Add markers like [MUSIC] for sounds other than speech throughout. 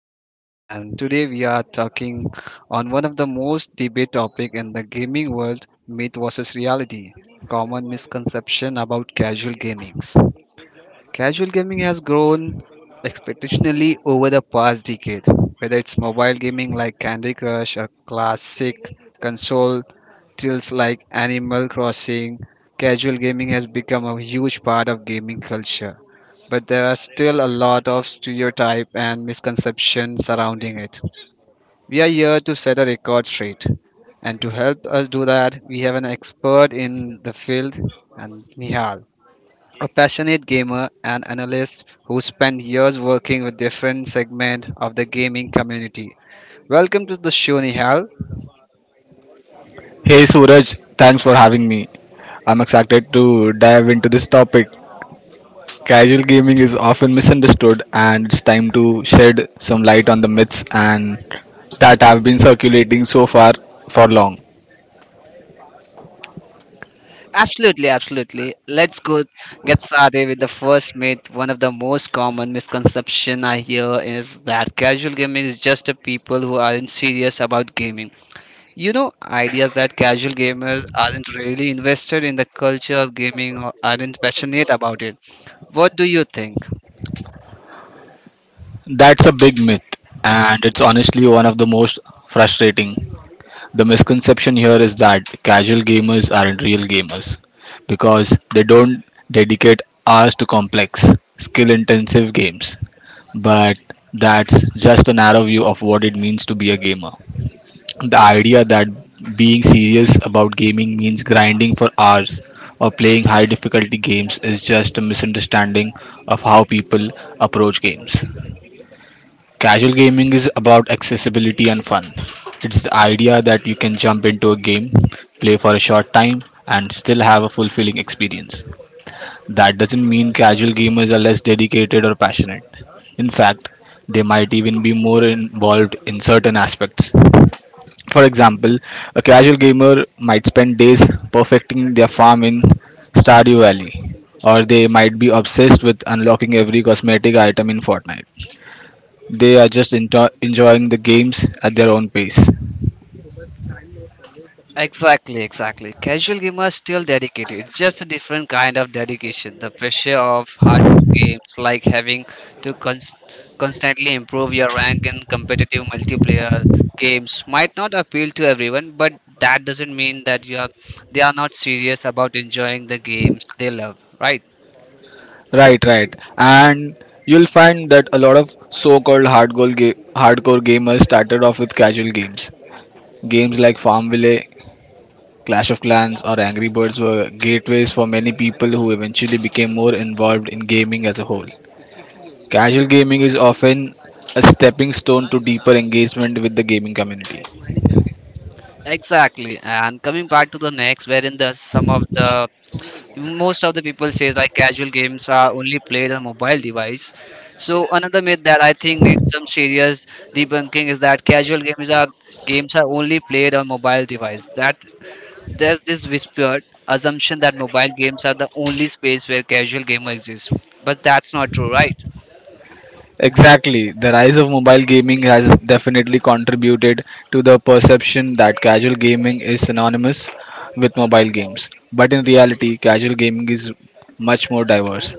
Suraj, and today we are talking on one of the most debate topic in the gaming world: myth versus reality. Common misconception about casual gamings. Casual gaming has grown exponentially over the past decade. Whether it's mobile gaming like Candy Crush or classic console titles like Animal Crossing, casual gaming has become a huge part of gaming culture, but there are still a lot of stereotype and misconception surrounding it. We are here to set a record straight. And to help us do that, we have an expert in the field, and Nihal, a passionate gamer and analyst who spent years working with different segments of the gaming community. Welcome to the show, Nihal. Hey Suraj, thanks for having me. I'm excited to dive into this topic. Casual gaming is often misunderstood, and it's time to shed some light on the myths and that have been circulating so far for long. Absolutely, absolutely. Let's go get started with the first myth. One of the most common misconception I hear is that casual gaming is just a people who aren't serious about gaming. Ideas that casual gamers aren't really invested in the culture of gaming or aren't passionate about it. What do you think? That's a big myth, and it's honestly one of the most frustrating. The misconception here is that casual gamers aren't real gamers because they don't dedicate hours to complex, skill intensive games. But that's just a narrow view of what it means to be a gamer. The idea that being serious about gaming means grinding for hours or playing high difficulty games is just a misunderstanding of how people approach games. Casual gaming is about accessibility and fun. It's the idea that you can jump into a game, play for a short time, and still have a fulfilling experience. That doesn't mean casual gamers are less dedicated or passionate. In fact, they might even be more involved in certain aspects. For example, a casual gamer might spend days perfecting their farm in Stardew Valley, or they might be obsessed with unlocking every cosmetic item in Fortnite. They are just enjoying the games at their own pace. Exactly, exactly. Casual gamers still dedicated. It's just a different kind of dedication. The pressure of hardcore games, like having to cons- constantly improve your rank in competitive multiplayer games, might not appeal to everyone, but that doesn't mean that you are they are not serious about enjoying the games they love, right? Right, right. And you'll find that a lot of so-called hardcore gamers started off with casual games. Games like Farmville, Clash of Clans, or Angry Birds were gateways for many people who eventually became more involved in gaming as a whole. Casual gaming is often a stepping stone to deeper engagement with the gaming community. Exactly. And coming back to the next, wherein the some of the most of the people say like casual games are only played on mobile device, so another myth that I think needs some serious debunking is that casual games are only played on mobile device, that there's this whispered assumption that mobile games are the only space where casual gamer exists, but that's not true, right? Exactly. The rise of mobile gaming has definitely contributed to the perception that casual gaming is synonymous with mobile games. But in reality, casual gaming is much more diverse.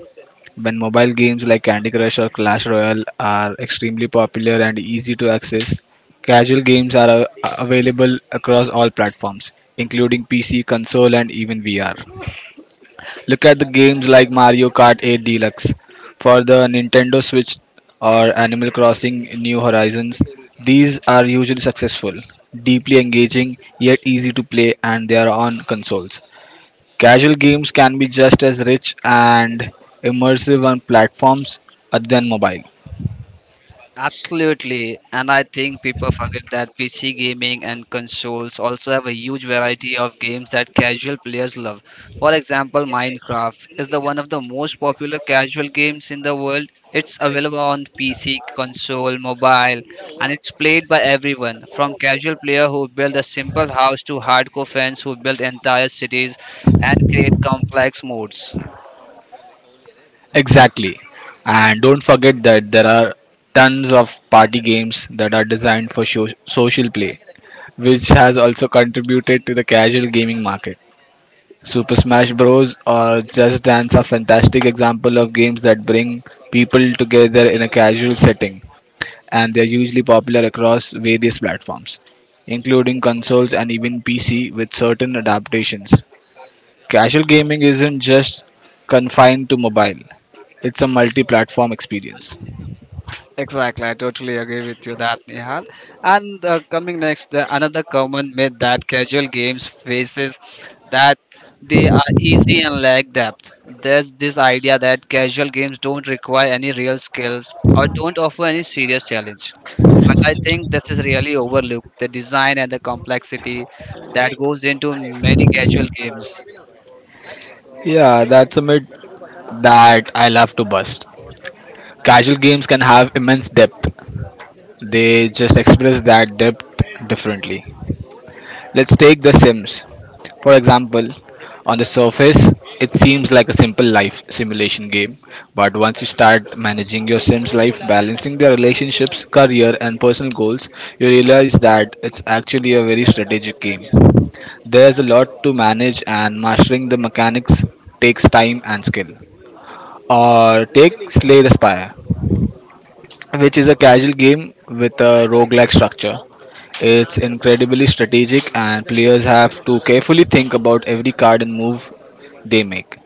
When mobile games like Candy Crush or Clash Royale are extremely popular and easy to access, casual games are available across all platforms, including PC, console, and even VR. Look at the games like Mario Kart 8 Deluxe for the Nintendo Switch or Animal Crossing New Horizons. These are usually successful, deeply engaging, yet easy to play, and they are on consoles. Casual games can be just as rich and immersive on platforms other than mobile. Absolutely, and I think people forget that PC gaming and consoles also have a huge variety of games that casual players love. For example, Minecraft is the one of the most popular casual games in the world. It's available on PC, console, mobile, and it's played by everyone, from casual player who build a simple house to hardcore fans who build entire cities and create complex modes. Exactly. And don't forget that there are tons of party games that are designed for social play, which has also contributed to the casual gaming market. Super Smash Bros. Or Just Dance are fantastic example of games that bring people together in a casual setting, and they are usually popular across various platforms, including consoles and even PC with certain adaptations. Casual gaming isn't just confined to mobile; it's a multi-platform experience. Exactly, I totally agree with you that Nihal. And coming next, another common myth that casual games faces that they are easy and lack depth. There's this idea that casual games don't require any real skills or don't offer any serious challenge. But I think this is really overlooked. The design and the complexity that goes into many casual games. Yeah, that's a myth that I love to bust. Casual games can have immense depth. They just express that depth differently. Let's take The Sims. For example, on the surface, it seems like a simple life simulation game, but once you start managing your sim's life, balancing their relationships, career, and personal goals, you realize that it's actually a very strategic game. There's a lot to manage, and mastering the mechanics takes time and skill. Or take Slay the Spire which is a casual game with a roguelike structure. It's incredibly strategic, and players have to carefully think about every card and move they make.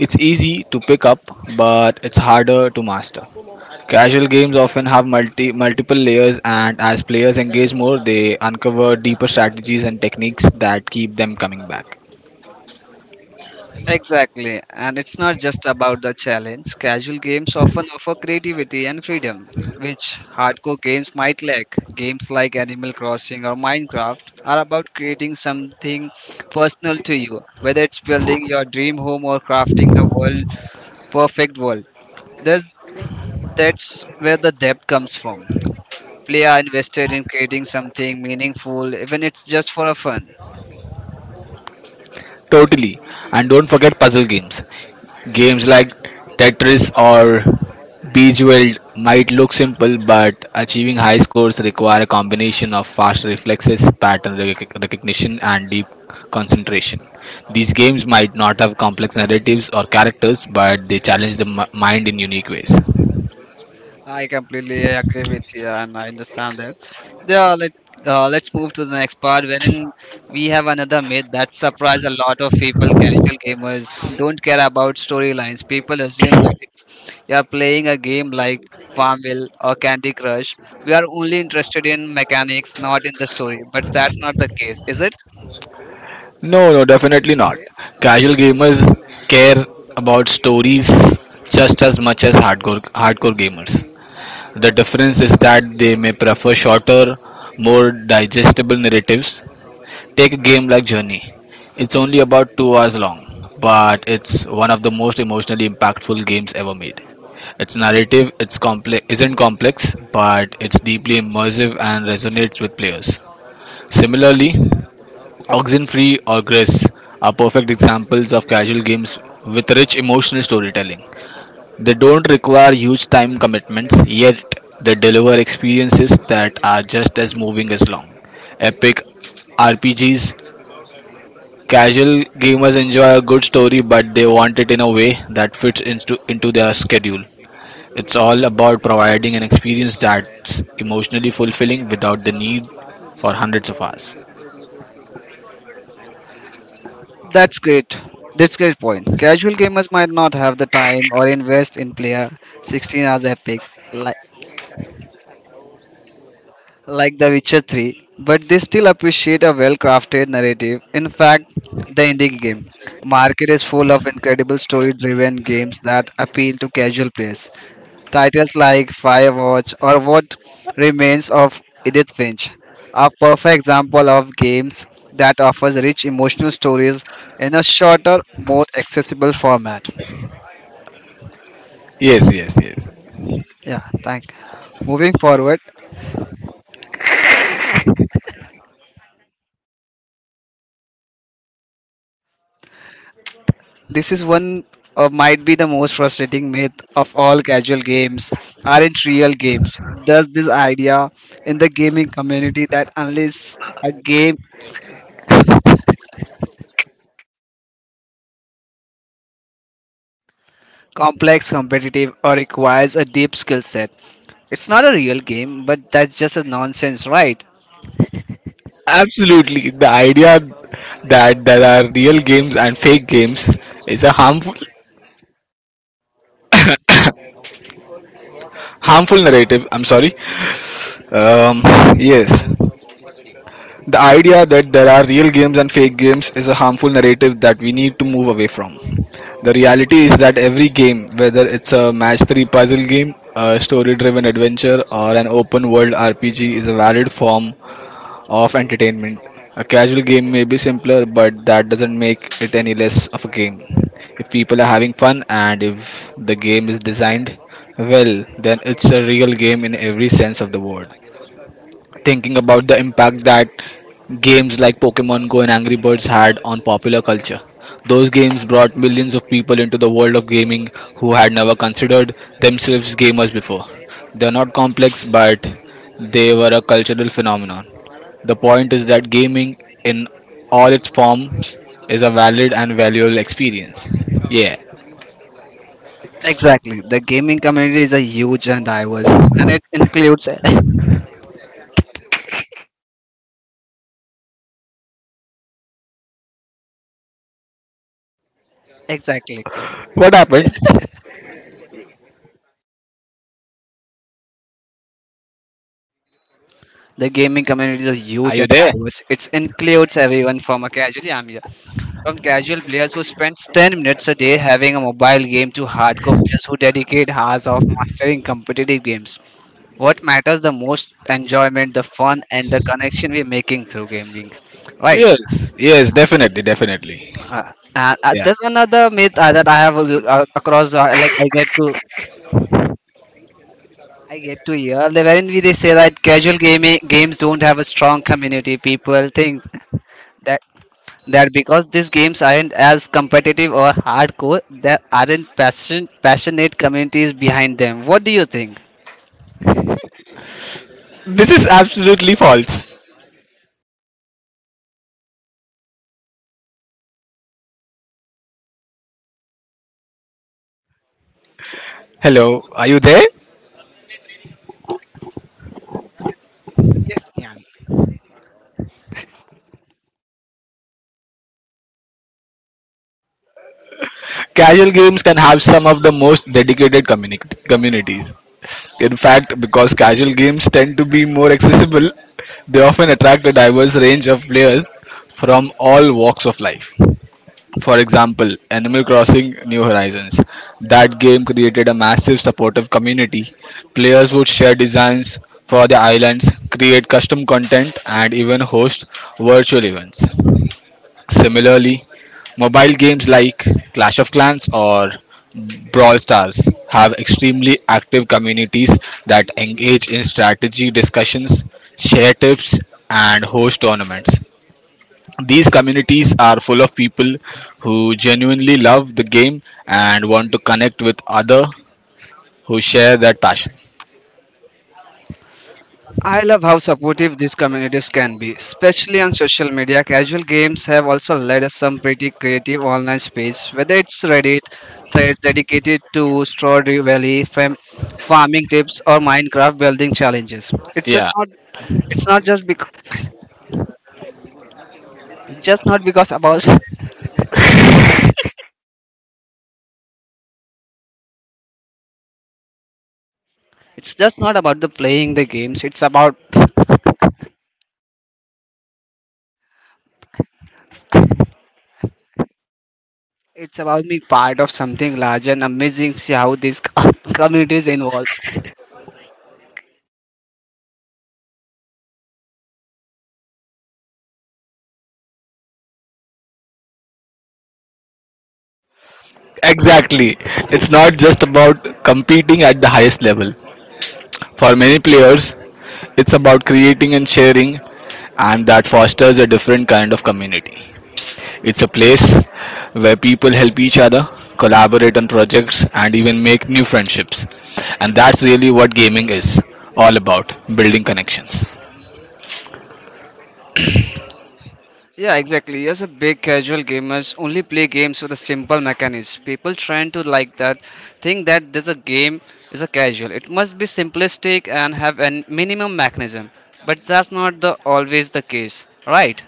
It's easy to pick up, but it's harder to master. Casual games often have multiple layers, and as players engage more, they uncover deeper strategies and techniques that keep them coming back. Exactly, and it's not just about the challenge. Casual games often offer creativity and freedom, which hardcore games might lack. Games like Animal Crossing or Minecraft are about creating something personal to you, whether it's building your dream home or crafting the world perfect world. There's, that's where the depth comes from. Play are invested in creating something meaningful, even it's just for a fun. Totally. And don't forget puzzle games. Games like Tetris or Bejeweled might look simple, but achieving high scores require a combination of fast reflexes, recognition, and deep concentration. These games might not have complex narratives or characters, but they challenge the mind in unique ways. I completely agree with you, and I understand that. Yeah, let's move to the next part, wherein we have another myth that surprised a lot of people. Casual gamers don't care about storylines. People assume that if you are playing a game like Farmville or Candy Crush, we are only interested in mechanics, not in the story. But that's not the case, is it? No, no, definitely not. Casual gamers care about stories just as much as hardcore gamers. The difference is that they may prefer shorter, more digestible narratives. Take a game like Journey. It's only about 2 hours long, but it's one of the most emotionally impactful games ever made. Its narrative isn't complex, but it's deeply immersive and resonates with players. Similarly, Oxenfree or Gris are perfect examples of casual games with rich emotional storytelling. They don't require huge time commitments, yet they deliver experiences that are just as moving as long. Epic RPGs, casual gamers enjoy a good story, but they want it in a way that into their schedule. It's all about providing an experience that's emotionally fulfilling without the need for hundreds of hours. That's great. That's great point. Casual gamers might not have the time or invest in player 16 hours epics. Like The Witcher 3, but they still appreciate a well crafted narrative. In fact, the indie game market is full of incredible story driven games that appeal to casual players. Titles like Firewatch or What Remains of Edith Finch are perfect example of games that offers rich emotional stories in a shorter, more accessible format. Yes, yes, yes. Yeah, thank. Moving forward, This is one might be the most frustrating myth of all: casual games aren't real games. There's this idea in the gaming community that unless a game complex, competitive, or requires a deep skill set, it's not a real game. But that's just a nonsense, right? Absolutely. The idea that there are real games and fake games is a harmful harmful narrative I'm sorry um, yes The idea that there are real games and fake games is a harmful narrative that we need to move away from. The reality is that every game, whether it's a match 3 puzzle game, a story driven adventure, or an open world RPG, is a valid form of entertainment. A casual game may be simpler, but that doesn't make it any less of a game. If people are having fun and if the game is designed well, then it's a real game in every sense of the word. Thinking about the impact that games like Pokemon Go and Angry Birds had on popular culture. Those games brought millions of people into the world of gaming who had never considered themselves gamers before. They're not complex, but they were a cultural phenomenon. The point is that gaming, in all its forms, is a valid and valuable experience. Yeah. Exactly. The gaming community is a huge and diverse, and it includes [LAUGHS] exactly. What happened? The gaming Are you community there? is a huge and diverse. It includes everyone from a casual. Yeah. From casual players who spend 10 minutes a day having a mobile game to hardcore players who dedicate hours of mastering competitive games. What matters the most enjoyment, the fun, and the connection we're making through gaming. Right. Yes, yes, definitely, definitely. Uh, and Yeah. there's another myth that I have across, I get to hear the wherein we they say that casual gaming games don't have a strong community. People think that because these games aren't as competitive or hardcore, there aren't passionate communities behind them. What do you think? This is absolutely false. Hello, are you there? Yes, Gyan. Casual games can have some of the most dedicated communities. In fact, because casual games tend to be more accessible, they often attract a diverse range of players from all walks of life. For example, Animal Crossing New Horizons. That game created a massive supportive community. Players would share designs for the islands, create custom content, and even host virtual events. Similarly, mobile games like Clash of Clans or Brawl Stars have extremely active communities that engage in strategy discussions, share tips, and host tournaments. These communities are full of people who genuinely love the game and want to connect with other who share that passion. I love how supportive these communities can be, especially on social media. Casual games have also led us some pretty creative online space, whether it's Reddit, threads dedicated to strawberry valley, farming tips, or Minecraft building challenges. It's just Yeah, not. It's not just because. Just not because about. [LAUGHS] It's just not about the playing the games. It's about being part of something large and amazing. See how these [LAUGHS] community is involved. exactly. It's not just about competing at the highest level. For many players, it's about creating and sharing, and that fosters a different kind of community. It's a place where people help each other, collaborate on projects, and even make new friendships. And that's really what gaming is all about building connections. Yeah, exactly. As a big casual gamers only play games with a simple mechanism. People trying to like that think that there's a game is a casual. It must be simplistic and have a minimum mechanism. But that's not the always the case, right?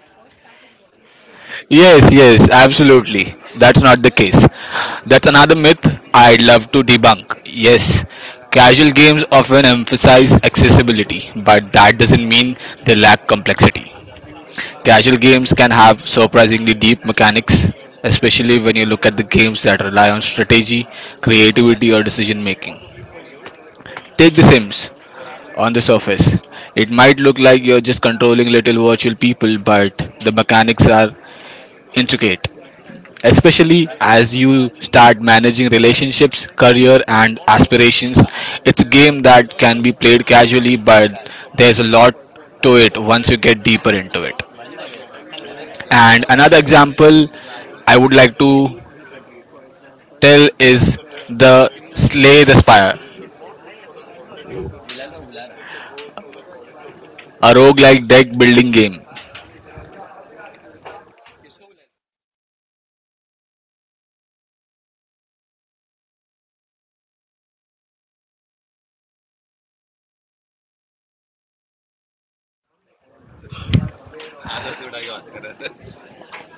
Yes, yes, absolutely. That's not the case. That's another myth I'd love to debunk. Yes, casual games often emphasize accessibility, but that doesn't mean they lack complexity. Casual games can have surprisingly deep mechanics, especially when you look at the games that rely on strategy, creativity, or decision making. Take The Sims. On the surface, it might look like you're just controlling little virtual people, but the mechanics are intricate, especially as you start managing relationships, career, and aspirations. It's a game that can be played casually, but there's a lot to it once you get deeper into it. And another example I would like to tell is the Slay the Spire, a roguelike deck building game.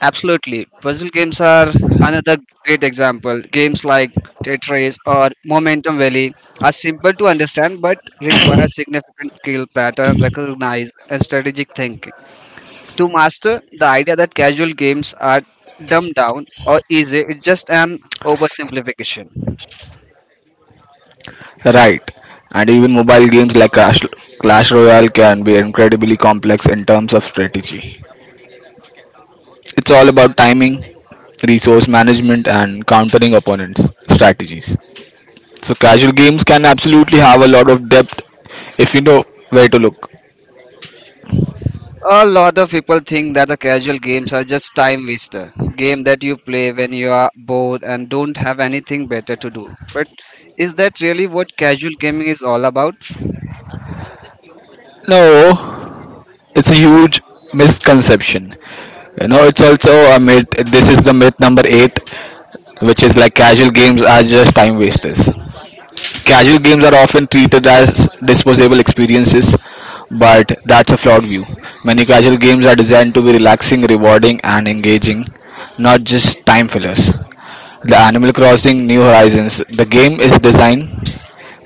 Absolutely. Puzzle games are another great example. Games like Tetris or Momentum Valley are simple to understand but require significant skill, pattern recognize, and strategic thinking. To master, the idea that casual games are dumbed down or easy is just an oversimplification. Right. And even mobile games like Clash Royale can be incredibly complex in terms of strategy. It's all about timing, resource management, and countering opponents' strategies. So casual games can absolutely have a lot of depth if you know where to look. A lot of people think that the casual games are just time waster, game that you play when you are bored and don't have anything better to do. But is that really what casual gaming is all about? No, it's a huge misconception. You know, it's also a myth. This is the myth number eight, which is like casual games are just time wasters. Casual games are often treated as disposable experiences, but that's a flawed view. Many casual games are designed to be relaxing, rewarding, and engaging, not just time fillers. The Animal Crossing New Horizons, the game is designed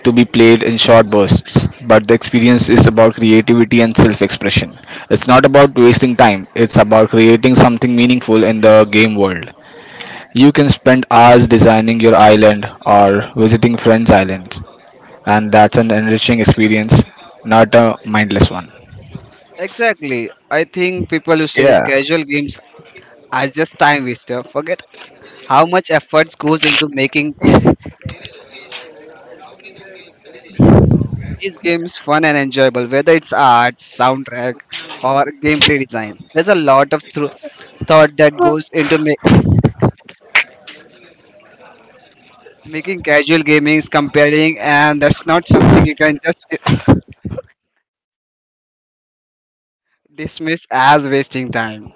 to be played in short bursts, but the experience is about creativity and self expression. It's not about wasting time, it's about creating something meaningful in the game world. You can spend hours designing your island or visiting friends' islands, and that's an enriching experience, not a mindless one. Exactly. I think people who says Yeah, casual games are just time waster forget how much efforts goes into making [LAUGHS] these games fun and enjoyable, whether it's art, soundtrack, or gameplay design. There's a lot of thought that goes into making casual gamings compelling, and that's not something you can just [COUGHS] dismiss as wasting time.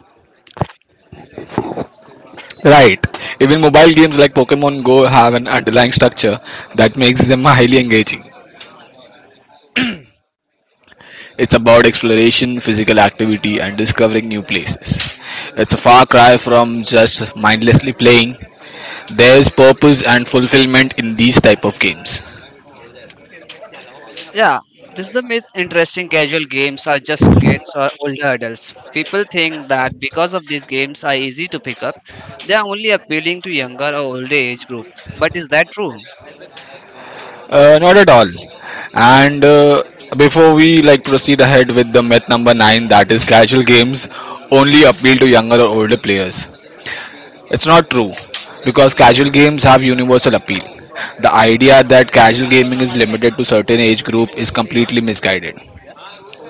right. Even mobile games like Pokemon Go have an underlying structure that makes them highly engaging. It's about exploration, physical activity, and discovering new places. It's a far cry from just mindlessly playing. There's purpose and fulfillment in these type of games. Yeah, this is the myth interesting casual games are just kids or older adults. People think that because of these games are easy to pick up, they are only appealing to younger or older age group. But is that true? Not at all. And before we proceed ahead with the myth number nine, that is casual games only appeal to younger or older players. It's not true because casual games have universal appeal. The idea that casual gaming is limited to certain age group is completely misguided.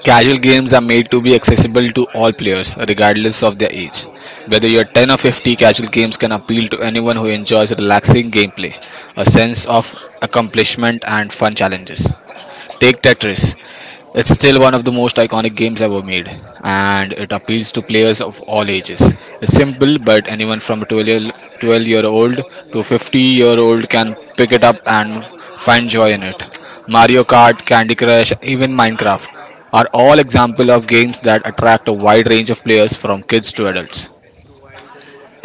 Casual games are made to be accessible to all players, regardless of their age. Whether you're 10 or 50, casual games can appeal to anyone who enjoys relaxing gameplay, a sense of accomplishment, and fun challenges. Take Tetris. It's still one of the most iconic games ever made, and it appeals to players of all ages. It's simple, but anyone from a 12-year-old to 50 year old can pick it up and find joy in it. Mario Kart, Candy Crush, even Minecraft are all examples of games that attract a wide range of players from kids to adults.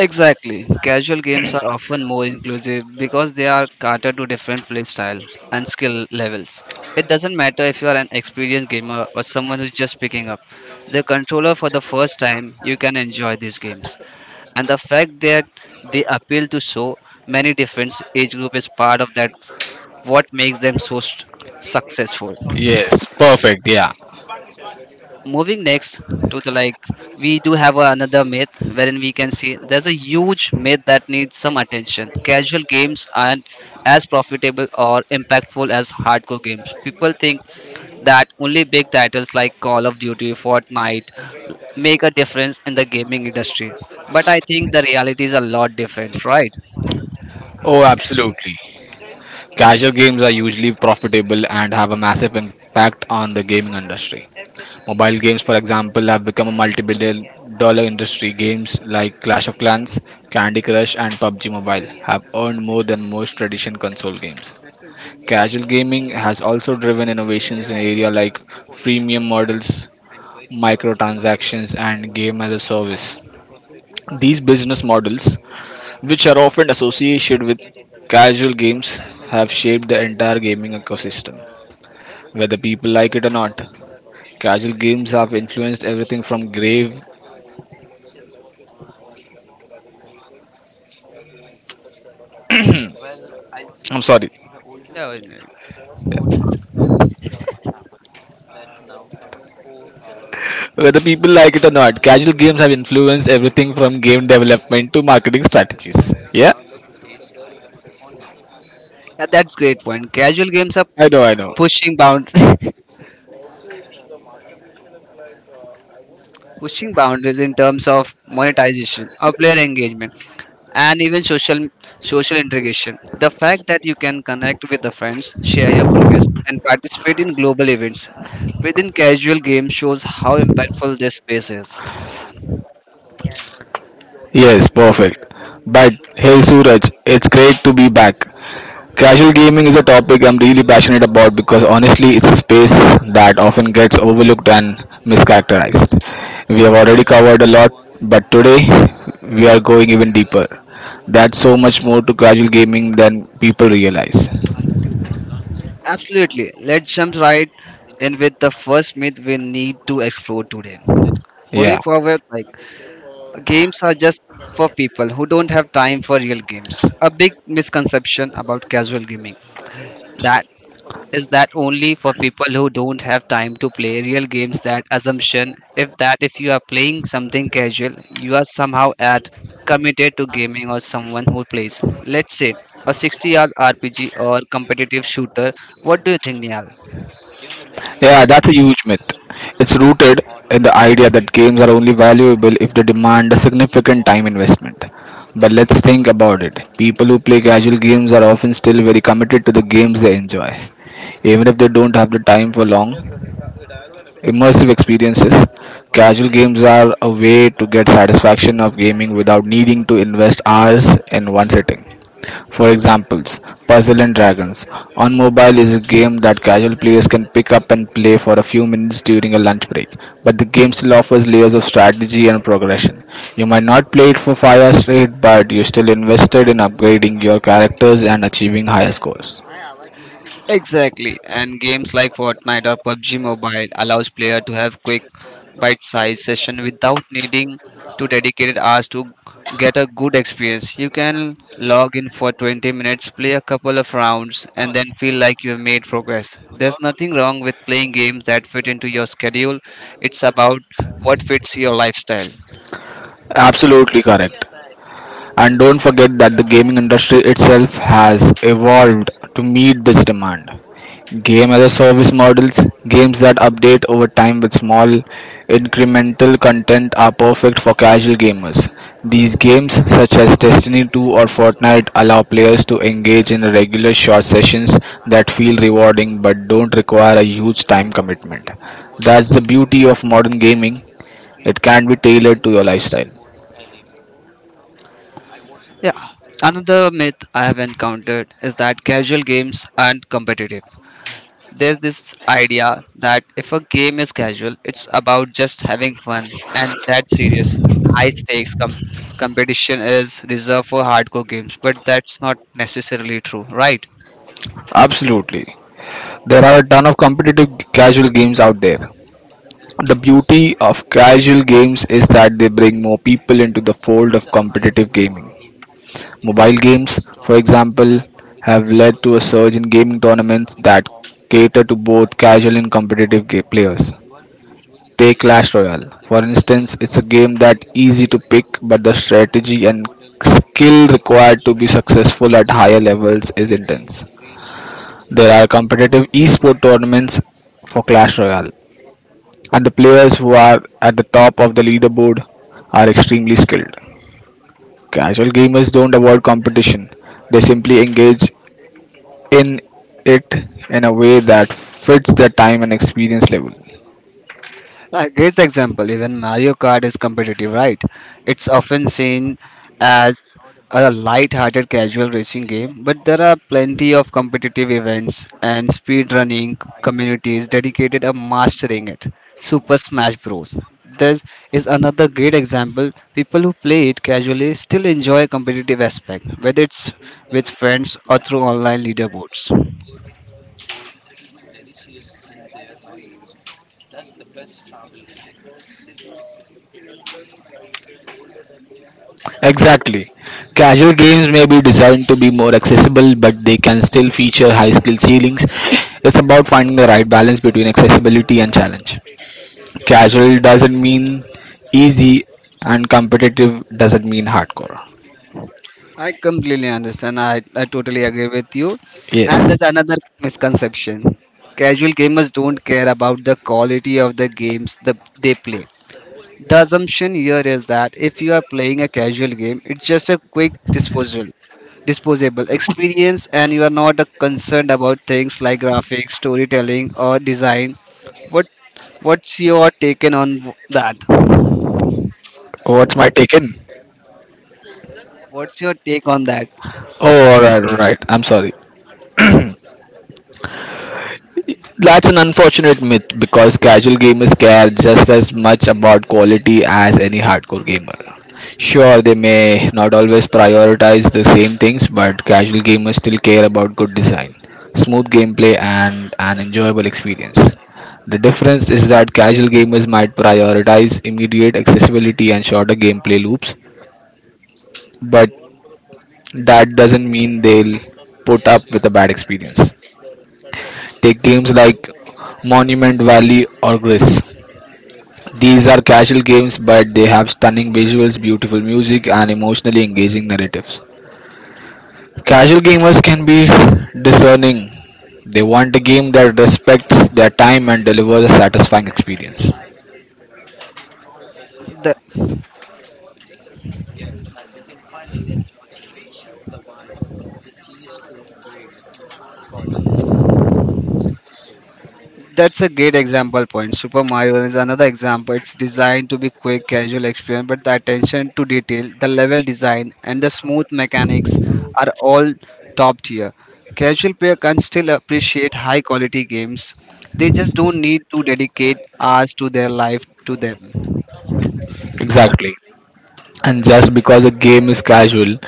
Exactly. Casual games are often more inclusive because they are catered to different play style and skill levels. It doesn't matter if you are an experienced gamer or someone who's just picking up the controller for the first time, you can enjoy these games. And the fact that they appeal to so many different age group is part of that what makes them so successful. Yes, perfect, yeah. Moving next to the we do have another myth wherein we can see there's a huge myth that needs some attention. Casual games aren't as profitable or impactful as hardcore games. People think that only big titles like Call of Duty, Fortnite make a difference in the gaming industry. But I think the reality is a lot different, right? Oh, absolutely. Casual games are usually profitable and have a massive impact on the gaming industry. Mobile games, for example, have become a multi billion-dollar industry. Games like Clash of Clans, Candy Crush, and PUBG Mobile have earned more than most traditional console games. Casual gaming has also driven innovations in areas like freemium models, microtransactions, and game as a service. These business models, which are often associated with casual games, have shaped the entire gaming ecosystem, whether people like it or not. Casual games have influenced everything from grave. I'm sorry. No, it's not. Whether people like it or not, casual games have influenced everything from game development to marketing strategies. Yeah? Yeah, that's great point. Casual games are I know, I know. pushing bound [LAUGHS] pushing boundaries in terms of monetization or player engagement, and even social integration. The fact that you can connect with the friends, share your progress, and participate in global events within casual games shows how impactful this space is. Yes, perfect. But hey Suraj, it's great to be back. Casual gaming is a topic I'm really passionate about because honestly, it's a space that often gets overlooked and mischaracterized. We have already covered a lot, but today we are going even deeper. That's so much more to casual gaming than people realize. Absolutely, let's jump right in with the first myth we need to explore today. Moving Yeah. forward, like games are just for people who don't have time for real games. A big misconception about casual gaming that is that only for people who don't have time to play real games, that assumption if that if you are playing something casual, you are somehow at committed to gaming or someone who plays, let's say, a 60 hours rpg or competitive shooter. What do you think, Nihal? Yeah, that's a huge myth. It's rooted in the idea that games are only valuable if they demand a significant time investment. But let's think about it. People who play casual games are often still very committed to the games they enjoy, even if they don't have the time for long, immersive experiences. Casual games are a way to get satisfaction of gaming without needing to invest hours in one sitting. For examples, Puzzle and Dragons on mobile is a game that casual players can pick up and play for a few minutes during a lunch break, but the game still offers layers of strategy and progression. You might not play it for 5 hours straight, but you're still invested in upgrading your characters and achieving higher scores. Exactly, and games like Fortnite or PUBG Mobile allows player to have quick bite-sized session without needing to dedicated hours to get a good experience. You can log in for 20 minutes, play a couple of rounds and then feel like you have made progress. There's nothing wrong with playing games that fit into your schedule. It's about what fits your lifestyle. Absolutely correct. And don't forget that the gaming industry itself has evolved to meet this demand. Game as a service models, games that update over time with small incremental content are perfect for casual gamers. These games, such as Destiny 2 or Fortnite, allow players to engage in regular short sessions that feel rewarding but don't require a huge time commitment. That's the beauty of modern gaming, it can be tailored to your lifestyle. Yeah. Another myth I have encountered is that casual games aren't competitive. There's this idea that if a game is casual, it's about just having fun, and that's serious. High stakes competition is reserved for hardcore games, but that's not necessarily true, right? Absolutely. There are a ton of competitive casual games out there. The beauty of casual games is that they bring more people into the fold of competitive gaming. Mobile games, for example, have led to a surge in gaming tournaments that cater to both casual and competitive ga- players. Take Clash Royale. For instance, it's a game that easy to pick, but the strategy and skill required to be successful at higher levels is intense. There are competitive esport tournaments for Clash Royale, and the players who are at the top of the leaderboard are extremely skilled. Casual gamers don't avoid competition, they simply engage in it in a way that fits their time and experience level. A great example, even Mario Kart is competitive, right? It's often seen as a light-hearted casual racing game, but there are plenty of competitive events and speedrunning communities dedicated to mastering it. Super Smash Bros. This is another great example. People who play it casually still enjoy competitive aspect, whether it's with friends or through online leaderboards. Exactly. Casual games may be designed to be more accessible, but they can still feature high skill ceilings. It's about finding the right balance between accessibility and challenge. Casual doesn't mean easy, and competitive doesn't mean hardcore. I completely understand. I totally agree with you. And Yes. there's another misconception. Casual gamers don't care about the quality of the games they play. The assumption here is that if you are playing a casual game, it's just a quick disposable experience, and you are not concerned about things like graphics, storytelling, or design. What What's your take on that? What's my take in? What's your take on that? Oh, alright. I'm sorry. That's an unfortunate myth because casual gamers care just as much about quality as any hardcore gamer. Sure, they may not always prioritize the same things, but casual gamers still care about good design, smooth gameplay, and an enjoyable experience. The difference is that casual gamers might prioritize immediate accessibility and shorter gameplay loops, but that doesn't mean they'll put up with a bad experience. Take games like Monument Valley or Gris. These are casual games, but they have stunning visuals, beautiful music, and emotionally engaging narratives. Casual gamers can be discerning. They want a game that respects their time and delivers a satisfying experience. The That's a great example point. Super Mario is another example. It's designed to be quick, casual experience, but the attention to detail, the level design, and the smooth mechanics are all top tier. Casual player can still appreciate high quality games. They just don't need to dedicate hours to their life to them. Exactly. And just because a game is casual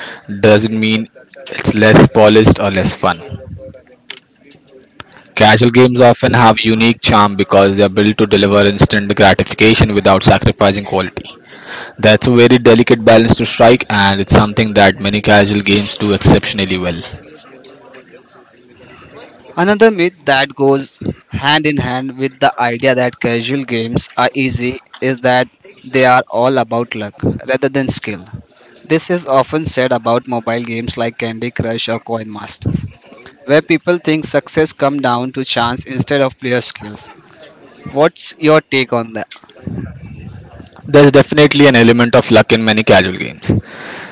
doesn't mean it's less polished or less fun. Casual games often have unique charm because they are built to deliver instant gratification without sacrificing quality. That's a very delicate balance to strike, and it's something that many casual games do exceptionally well. Another myth that goes hand in hand with the idea that casual games are easy is that they are all about luck rather than skill. This is often said about mobile games like Candy Crush or Coin Masters, where people think success comes down to chance instead of player skills. What's your take on that? There's definitely an element of luck in many casual games,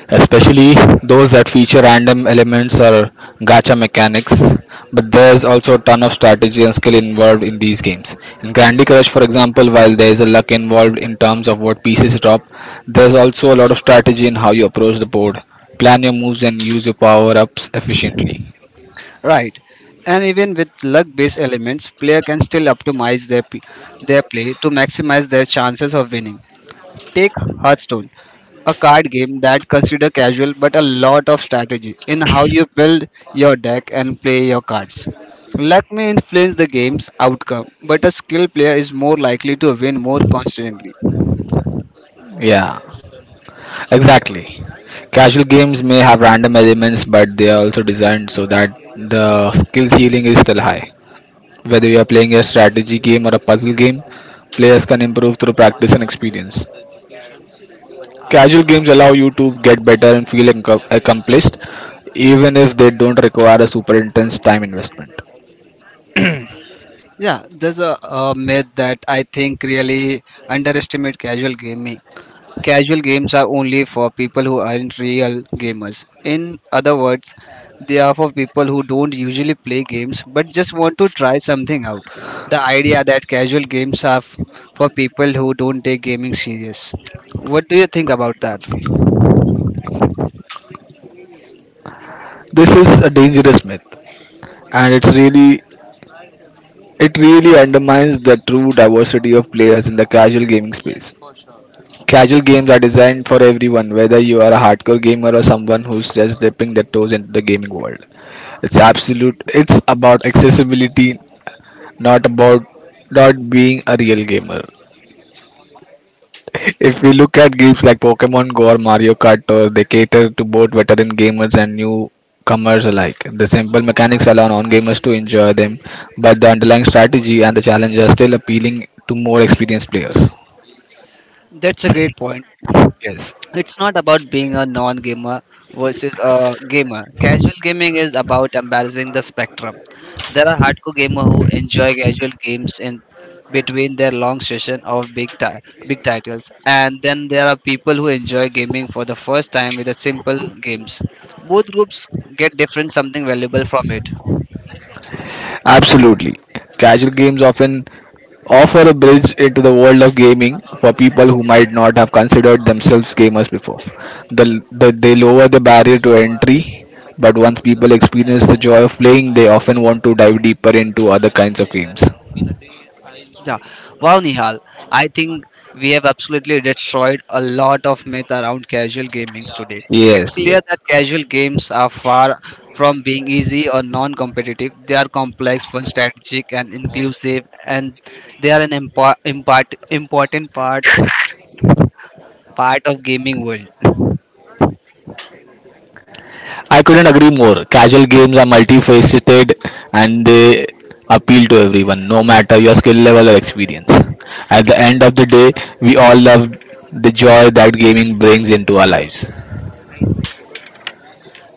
especially those that feature random elements or gacha mechanics. But there's also a ton of strategy and skill involved in these games. In Candy Crush, for example, while there's a luck involved in terms of what pieces drop, there's also a lot of strategy in how you approach the board, plan your moves, and use your power ups efficiently. Right. And even with luck-based elements, player can still optimize their their play to maximize their chances of winning. Take Hearthstone, a card game that consider casual but a lot of strategy in how you build your deck and play your cards. Luck may influence the game's outcome, but a skilled player is more likely to win more constantly. Yeah, exactly. Casual games may have random elements, but they are also designed so that the skill ceiling is still high. Whether you are playing a strategy game or a puzzle game, players can improve through practice and experience. Casual games allow you to get better and feel accomplished, even if they don't require a super intense time investment. Yeah, there's a myth that I think really underestimate casual gaming. Casual games are only for people who aren't real gamers. In other words, they are for people who don't usually play games but just want to try something out. The idea that casual games are for people who don't take gaming serious. What do you think about that? This is a dangerous myth, and it really undermines the true diversity of players in the casual gaming space. Casual games are designed for everyone, whether you are a hardcore gamer or someone who's just dipping their toes into the gaming world. It's absolute. It's about accessibility, not about not being a real gamer. If we look at games like Pokemon Go or Mario Kart, or they cater to both veteran gamers and newcomers alike. The simple mechanics allow non-gamers to enjoy them, but the underlying strategy and the challenge are still appealing to more experienced players. That's a great point. Yes. It's not about being a non gamer versus a gamer. Casual gaming is about embracing the spectrum. There are hardcore gamers who enjoy casual games in between their long session of big titles, and then there are people who enjoy gaming for the first time with the simple games. Both groups get different something valuable from it. Absolutely. Casual games often offer a bridge into the world of gaming for people who might not have considered themselves gamers before. They lower the barrier to entry, but once people experience the joy of playing, they often want to dive deeper into other kinds of games. Yeah. Wow, Nihal. I think we have absolutely destroyed a lot of myth around casual gamings today. It's Yes, clear yes. that casual games are far from being easy or non-competitive. They are complex, fun, strategic, and inclusive, and they are an important part of gaming world. I couldn't agree more. Casual games are multifaceted and they appeal to everyone, no matter your skill level or experience. At the end of the day, we all love the joy that gaming brings into our lives.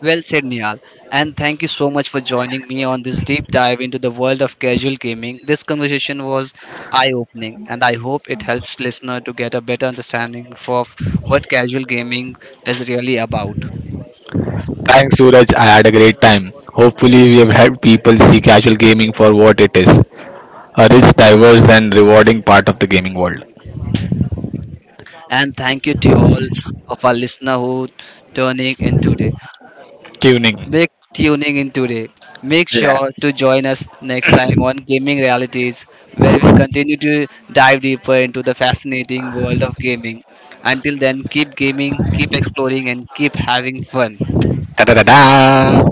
Well said, Nihal. And thank you so much for joining me on this deep dive into the world of casual gaming. This conversation was eye opening, and I hope it helps listener to get a better understanding of what casual gaming is really about. Thanks, Suraj. I had a great time. Hopefully, we have helped people see casual gaming for what it is, a rich, diverse, and rewarding part of the gaming world. And thank you to all of our listener who tuning in today. Tuning. Big tuning in today. Make Yeah. sure to join us next time on Gaming Realities, where we'll continue to dive deeper into the fascinating world of gaming. Until then, keep gaming, keep exploring, and keep having fun. Da da da da.